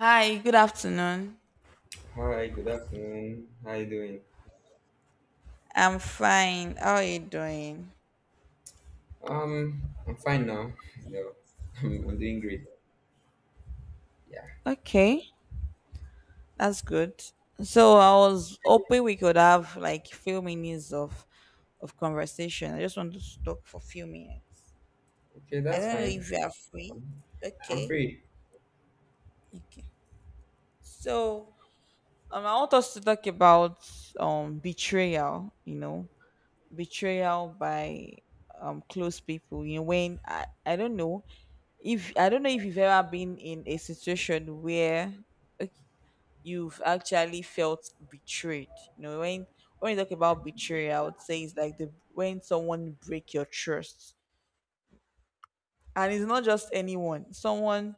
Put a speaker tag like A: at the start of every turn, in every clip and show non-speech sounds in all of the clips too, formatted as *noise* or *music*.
A: Hi, good afternoon.
B: Hi, good afternoon. How you doing?
A: I'm fine. How are you doing?
B: I'm fine now. *laughs* No, I'm doing great. Yeah.
A: Okay, that's good. So I was hoping we could have like few minutes of conversation. I just wanted to talk for a few minutes.
B: Okay,
A: I
B: that's
A: don't know
B: fine.
A: if you are free.
B: I'm
A: Okay.
B: free.
A: Okay. So I want us to talk about betrayal. You know, betrayal by close people. You know, when I don't know if I don't know if you've ever been in a situation where like, you've actually felt betrayed. You know, when you talk about betrayal, I would say it's like the when someone break your trust, and it's not just anyone. Someone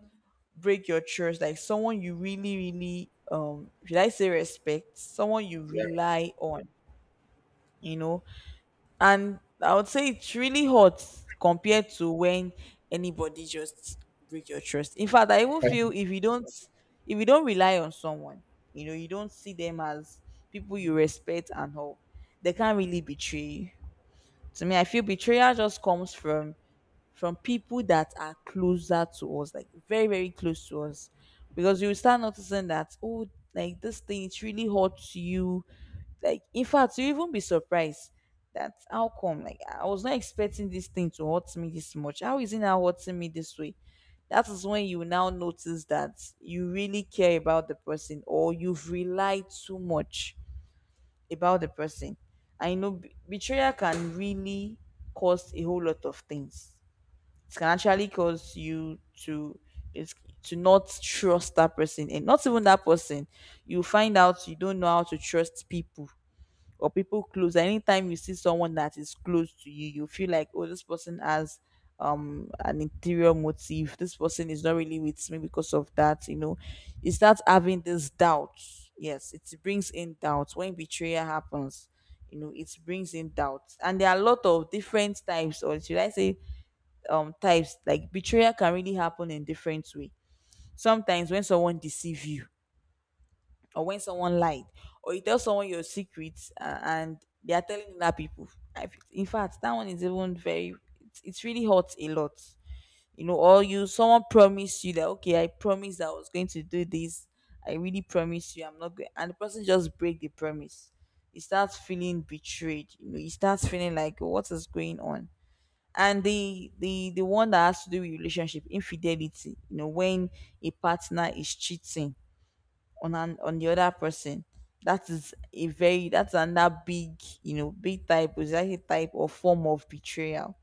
A: break your trust, like someone you really, really should I say respect? Someone you
B: Yeah.
A: rely on. You know, and I would say it's really hot compared to when anybody just break your trust. In fact, I even
B: *laughs*
A: feel if you don't rely on someone, you know, you don't see them as people you respect and all, they can't really betray you. To me, I feel betrayal just comes from people that are closer to us, like very, very close to us. Because you will start noticing that, oh, like this thing, it really hurts you like, in fact, you even be surprised that how come? Like, I was not expecting this thing to hurt me this much. How is it now hurting me this way? That is when you now notice that you really care about the person or you've relied too much about the person. I know betrayal can really cause a whole lot of things. It can actually cause you to it's, to not trust that person and not even that person. You find out you don't know how to trust people or people close. Anytime you see someone that is close to you, you feel like, oh, this person has an interior motive. This person is not really with me because of that. You know, you start having this doubt. Yes, it brings in doubt when betrayal happens. You know, it brings in doubt, and there are a lot of different types, or should I say, types. Like betrayal can really happen in different way. Sometimes when someone deceive you or when someone lied or you tell someone your secrets and they are telling other people in fact that one is even very it's really hurts a lot, you know. Or you someone promised you that okay, I promised I was going to do this, I really promise you I'm not going, and the person just break the promise. You start feeling betrayed, you know, you start feeling like, "Oh, what is going on?" And the one that has to do with relationship infidelity, you know, when a partner is cheating on an on the other person. That is a very that's another big, you know, big type is actually type or form of betrayal.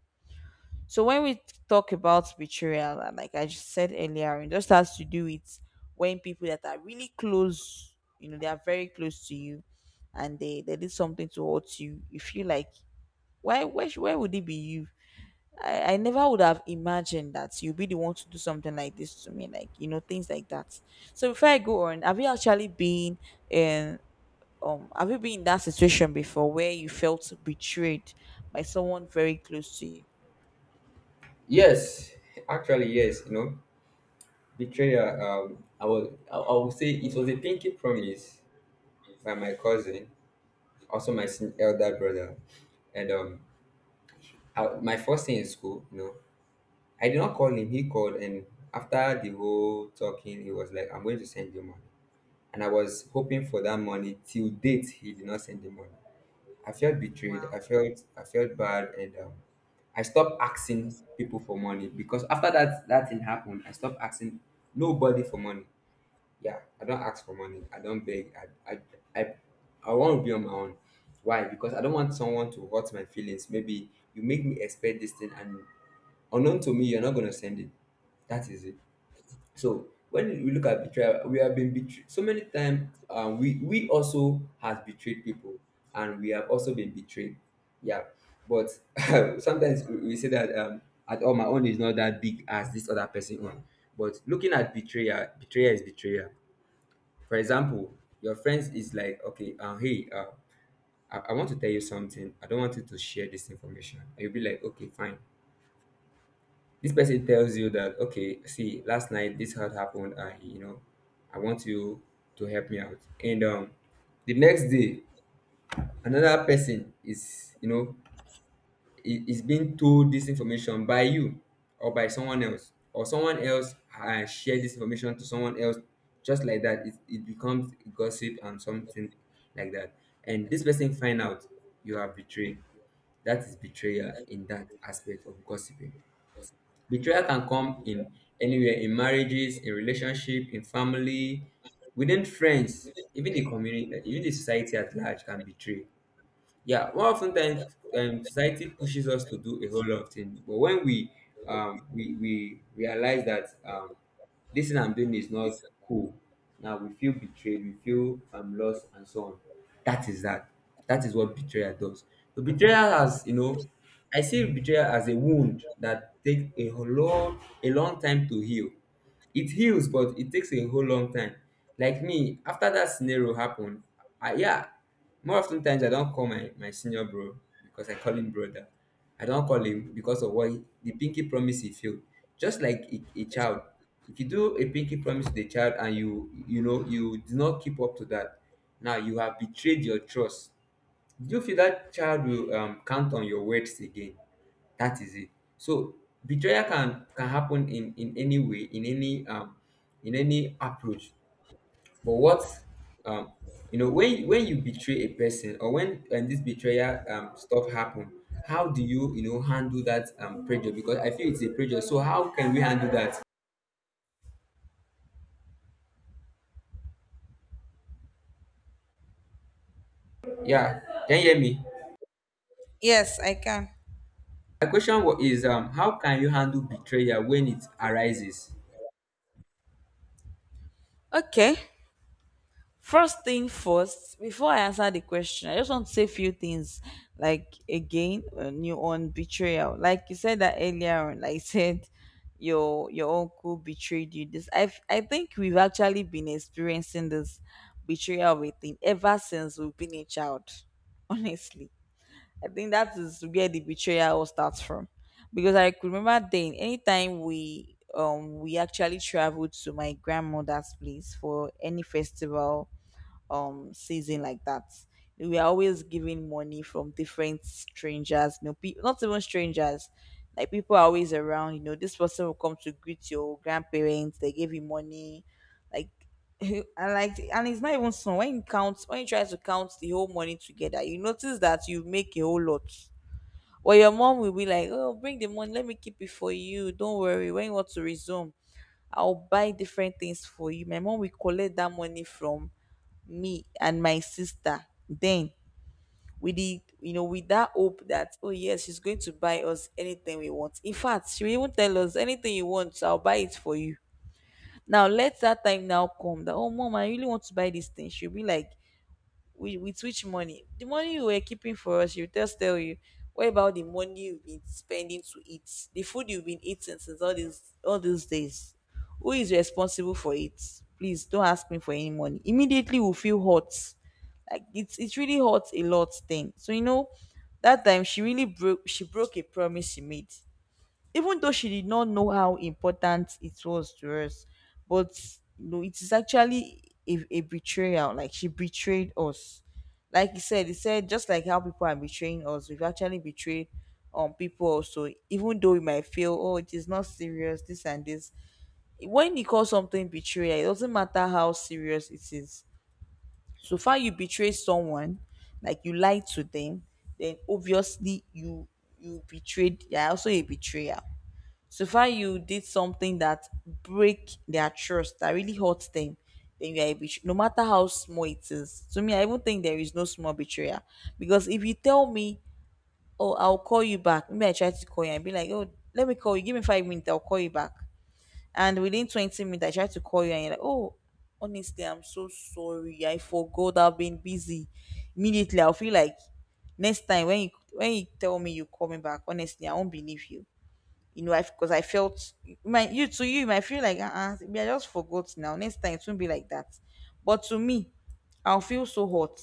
A: So when we talk about betrayal, and like I just said earlier, it just has to do with when people that are really close, you know, they are very close to you and they did something to hurt you. You feel like why where, where would it be you? I never would have imagined that you'd be the one to do something like this to me, like, you know, things like that. So before I go on, have you actually been in have you been in that situation before where you felt betrayed by someone very close to you?
B: Yes, actually, yes. You know, betrayal. I was. I would say it was a pinky promise by my cousin, also my elder brother, and my first day in school. You know, I did not call him. He called, and after the whole talking, he was like, "I'm going to send you money," and I was hoping for that money. Till date, he did not send the money. I felt betrayed. I felt bad, and I stopped asking people for money because after that thing happened, I stopped asking nobody for money. Yeah, I don't ask for money. I don't beg. I, I want to be on my own. Why? Because I don't want someone to hurt my feelings. Maybe you make me expect this thing, and unknown to me, you're not gonna send it. That is it. So when we look at betrayal, we have been betrayed so many times. We also has betrayed people, and we have also been betrayed. Yeah, but *laughs* sometimes we say that at all my own is not that big as this other person own. But looking at betrayal, betrayal is betrayal. For example, your friends is like, okay, hey, I want to tell you something. I don't want you to share this information. And you'll be like, okay, fine. This person tells you that, okay, see, last night this had happened, and you know, I want you to help me out. And the next day, another person is, you know, is being told this information by you or by someone else, or someone else share this information to someone else, just like that. It becomes gossip and something like that. And this person find out you are betrayed. That is betrayal in that aspect of gossiping. Betrayal can come in anywhere, in marriages, in relationship, in family, within friends, even the community, even the society at large can betray. Yeah, well, oftentimes society pushes us to do a whole lot of things. But when we we realize that this thing I'm doing is not cool, now we feel betrayed, we feel lost and so on. That is that, that is what betrayal does. So betrayal has, you know, I see betrayal as a wound that takes a whole lot, a long time to heal. It heals, but it takes a whole long time. Like me, after that scenario happened, I, yeah, more often times I don't call my senior bro, because I call him brother. I don't call him because of what the pinky promise he failed. Just like a child, if you do a pinky promise to the child and you know you do not keep up to that, now you have betrayed your trust. Do you feel that child will count on your words again? That is it. So betrayal can happen in any way, in any approach. But what, um you know, when you betray a person, or when this betrayal stuff happen, how do you know handle that pressure? Because I feel it's a pressure. So how can we handle that? Yeah. Can you hear me?
A: Yes, I can.
B: My is how can you handle betrayal when it arises?
A: Okay. First thing first, before I answer the question, I just want to say a few things. Like again, new on betrayal. Like you said that earlier on, like you said your uncle betrayed you. This I think we've actually been experiencing this betrayal of a thing ever since we've been a child. *laughs* Honestly, I think that is where the betrayal all starts from. Because I could remember then, anytime we we actually traveled to my grandmother's place for any festival season like that. We are always giving money from different strangers, you know, not even strangers. Like people are always around, you know, this person will come to greet your grandparents, they gave you money. Like *laughs* and like and it's not even small. When you count when you try to count the whole money together, you notice that you make a whole lot. Or your mom will be like, "Oh, bring the money, let me keep it for you. Don't worry. When you want to resume, I'll buy different things for you." My mom will collect that money from me and my sister, then we did, you know, with that hope that, oh yes, she's going to buy us anything we want. In fact, she will even tell us anything you want, I'll buy it for you. Now let that time now come that, oh mom, I really want to buy this thing. She'll be like with which money? The money you were keeping for us, you just tell you. What about the money you've been spending to eat? The food you've been eating since all these days. Who is responsible for it? Please don't ask me for any money. Immediately we feel hot. Like it's really hot a lot thing. So you know, that time she really broke she broke a promise she made, even though she did not know how important it was to us. But you know it is actually a betrayal, like she betrayed us. Like you said, he said just like how people are betraying us, we've actually betrayed people also, even though we might feel, oh, it is not serious, this and this. When you call something betrayal, it doesn't matter how serious it is. So far you betray someone, like you lied to them, then obviously you betrayed, you're also a betrayer. So far, you did something that break their trust, that really hurts them. Then you are a no matter how small it is. To me, I even think there is no small betrayal, because if you tell me, "Oh, I'll call you back," maybe I try to call you and be like, "Oh, let me call you. Give me 5 minutes. I'll call you back." And within 20 minutes, I try to call you and you're like, "Oh, honestly, I'm so sorry. I forgot. I've been busy." Immediately, I'll feel like next time when you tell me you call me back, honestly, I won't believe you, you know, I because I felt my you to you, you might feel like maybe I just forgot now. Next time it won't be like that. But to me, I'll feel so hot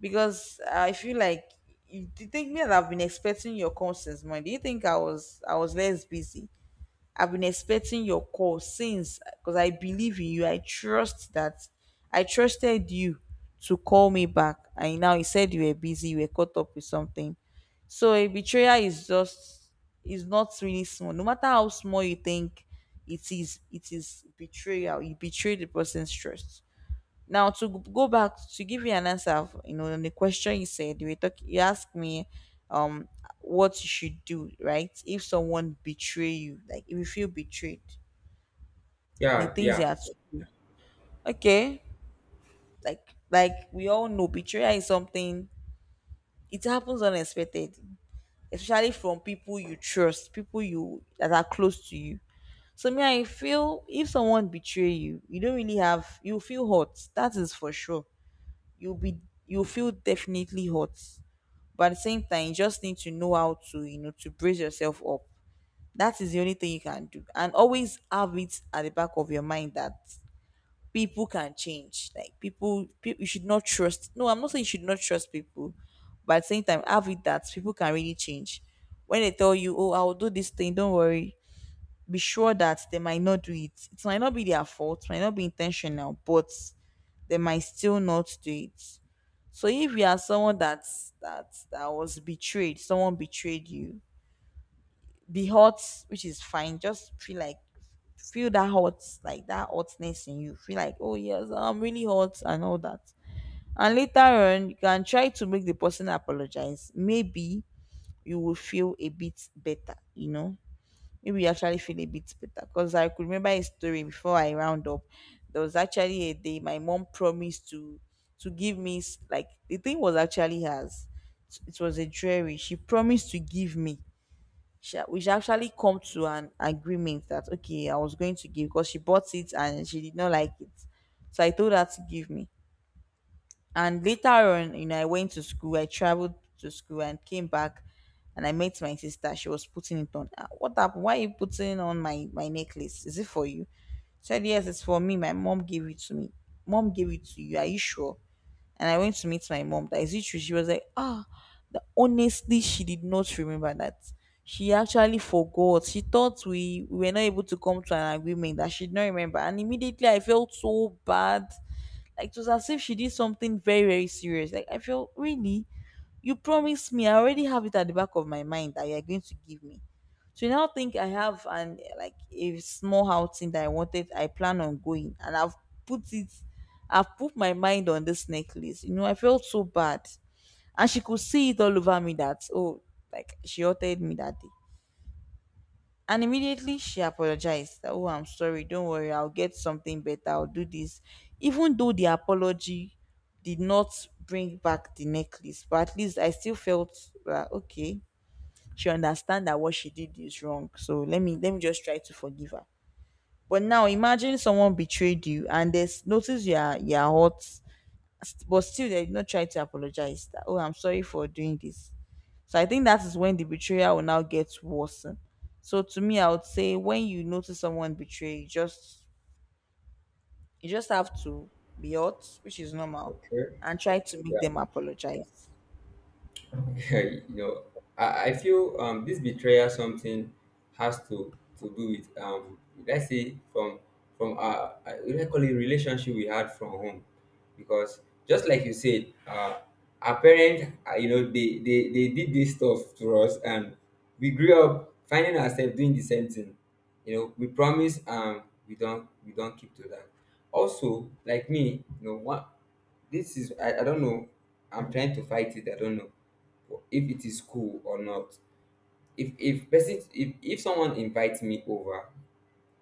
A: because I feel like you do you think me that I've been expecting your call since Monday. Do you think I was less busy? I've been expecting your call since because I believe in you. I trust that I trusted you to call me back. And now you said you were busy, you were caught up with something. So a betrayal is just is not really small. No matter how small you think it is betrayal. You betray the person's trust. Now to go back to give you an answer, you know, on the question you said, you were you asked me, um, what you should do, right? If someone betray you, like if you feel betrayed, the
B: Yeah,
A: things you
B: yeah.
A: have to, do. Okay, like we all know, betrayal is something it happens unexpected, especially from people you trust, people you that are close to you. So me, I feel if someone betray you, you don't really have, you feel hurt. That is for sure. You feel definitely hurt. But at the same time, you just need to know how to, you know, to brace yourself up. That is the only thing you can do. And always have it at the back of your mind that people can change. Like people you should not trust. No, I'm not saying you should not trust people, but at the same time, have it that people can really change. When they tell you, "Oh, I'll do this thing, don't worry." Be sure that they might not do it. It might not be their fault, might not be intentional, but they might still not do it. So if you are someone that that was betrayed, someone betrayed you, be hot, which is fine. Just feel like feel that hot, like that hotness in you. Feel like, oh yes, I'm really hot and all that. And later on, you can try to make the person apologize. Maybe you will feel a bit better, maybe you actually feel a bit better, because I could remember a story before I round up. There was actually a day my mom promised to give like, the thing was actually hers. It was a dreary. She promised to give me. We should actually come to an agreement that okay, I was going to give, because she bought it and she did not like it. So I told her to give me, and later on, I went to school. I traveled to school and came back, and I met my sister. She was putting it on. "Ah, what happened? Why are you putting on my necklace? Is it for you?" She said, "Yes, it's for me. My mom gave it to me." "Mom gave it to you? Are you sure?" And I went to meet my mom, "That is it true?" She was like, ah, honestly, she did not remember that. She actually forgot. She thought we were not able to come to an agreement, that she did not remember. And immediately, I felt so bad, like it was as if she did something very, very serious. Like I feel really, you promised me. I already have it at the back of my mind that you're going to give me. So now, think I have an, like a small outing that I wanted. I plan on going, and I've put it. I've put my mind on this necklace. You know, I felt so bad, and she could see it all over me, that oh, like she hurted me that day. And immediately, she apologized. That, oh, I'm sorry. Don't worry. I'll get something better. I'll do this. Even though the apology did not bring back the necklace, but at least I still felt that okay, she understand that what she did is wrong. So let me just try to forgive her. But now imagine someone betrayed you, and there's notice you are hot, but still they did not try to apologize. That, oh, I'm sorry for doing this. So I think that is when the betrayal will now get worse. So to me, I would say, when you notice someone betray, you just have to be hurt, which is normal,
B: Okay.
A: and try to make
B: Yeah.
A: them apologize.
B: *laughs* You know, I feel this betrayal something has to do with let's say from our let's call it relationship we had from home, because just like you said, our parents, you know, they did this stuff to us, and we grew up finding ourselves doing the same thing. You know, we promise, we don't keep to that. Also, like me, you know, one. This is I don't know. I'm trying to fight it. I don't know if it is cool or not. If person if someone invites me over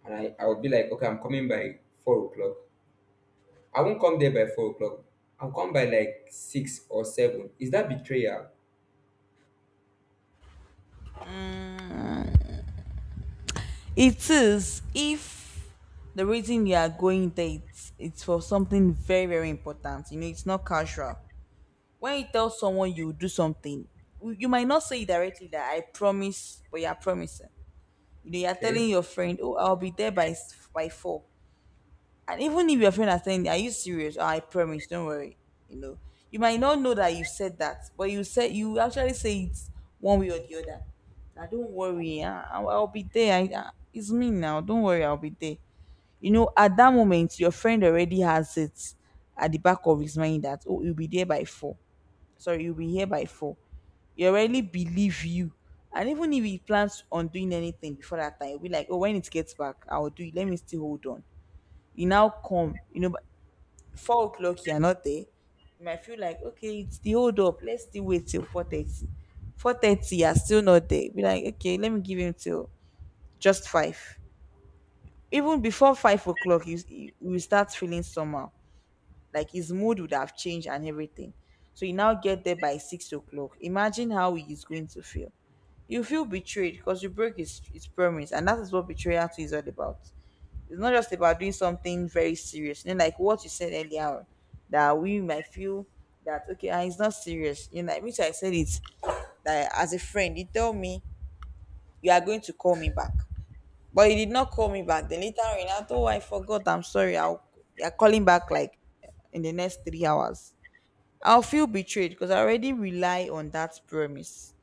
B: and I will be like, okay, I'm coming by 4 o'clock. I won't come there by 4 o'clock. I'll come by like six or seven. Is that betrayal?
A: Mm. It is, if the reason you are going there, it's for something very very important. You know, it's not casual. When you tell someone you will do something, you might not say it directly that I promise, but you are promising. You know, you are telling
B: Okay.
A: your friend, "Oh, I'll be there by by four." And even if your friend are saying, "Are you serious?" "Oh, I promise, don't worry. You know, you might not know that you said that, but you said, you actually say it one way or the other. Now, don't worry, I'll be there. It's me now. Don't worry, I'll be there." You know, at that moment, your friend already has it at the back of his mind that oh, you'll be there by four. Sorry, you'll be here by four. He already believe you. And even if he plans on doing anything before that time, he'll be like, oh, when it gets back, I'll do it. Let me still hold on. You now come, 4 o'clock, you're not there. You might feel like, okay, it's the hold up. Let's still wait till 4:30. 4:30, you're still not there. Be like, okay, let me give him till just five. Even before 5 o'clock, you will start feeling somehow, like his mood would have changed and everything. So you now get there by 6 o'clock. Imagine how he is going to feel. You feel betrayed because you broke his promise, and that is what betrayal is all about. It's not just about doing something very serious. You know, like what you said earlier on, that we might feel that okay, ah, it's not serious. You know, like, which I said it, that as a friend, you tell me you are going to call me back, but you did not call me back. Then later on, he now, oh, I forgot. I'm sorry. I'll, you're calling back like in the next 3 hours. I'll feel betrayed because I already rely on that promise,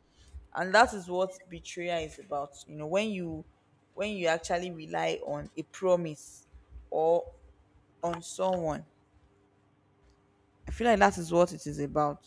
A: and that is what betrayal is about. You know, when you actually rely on a promise or on someone. I feel like that is what it is about.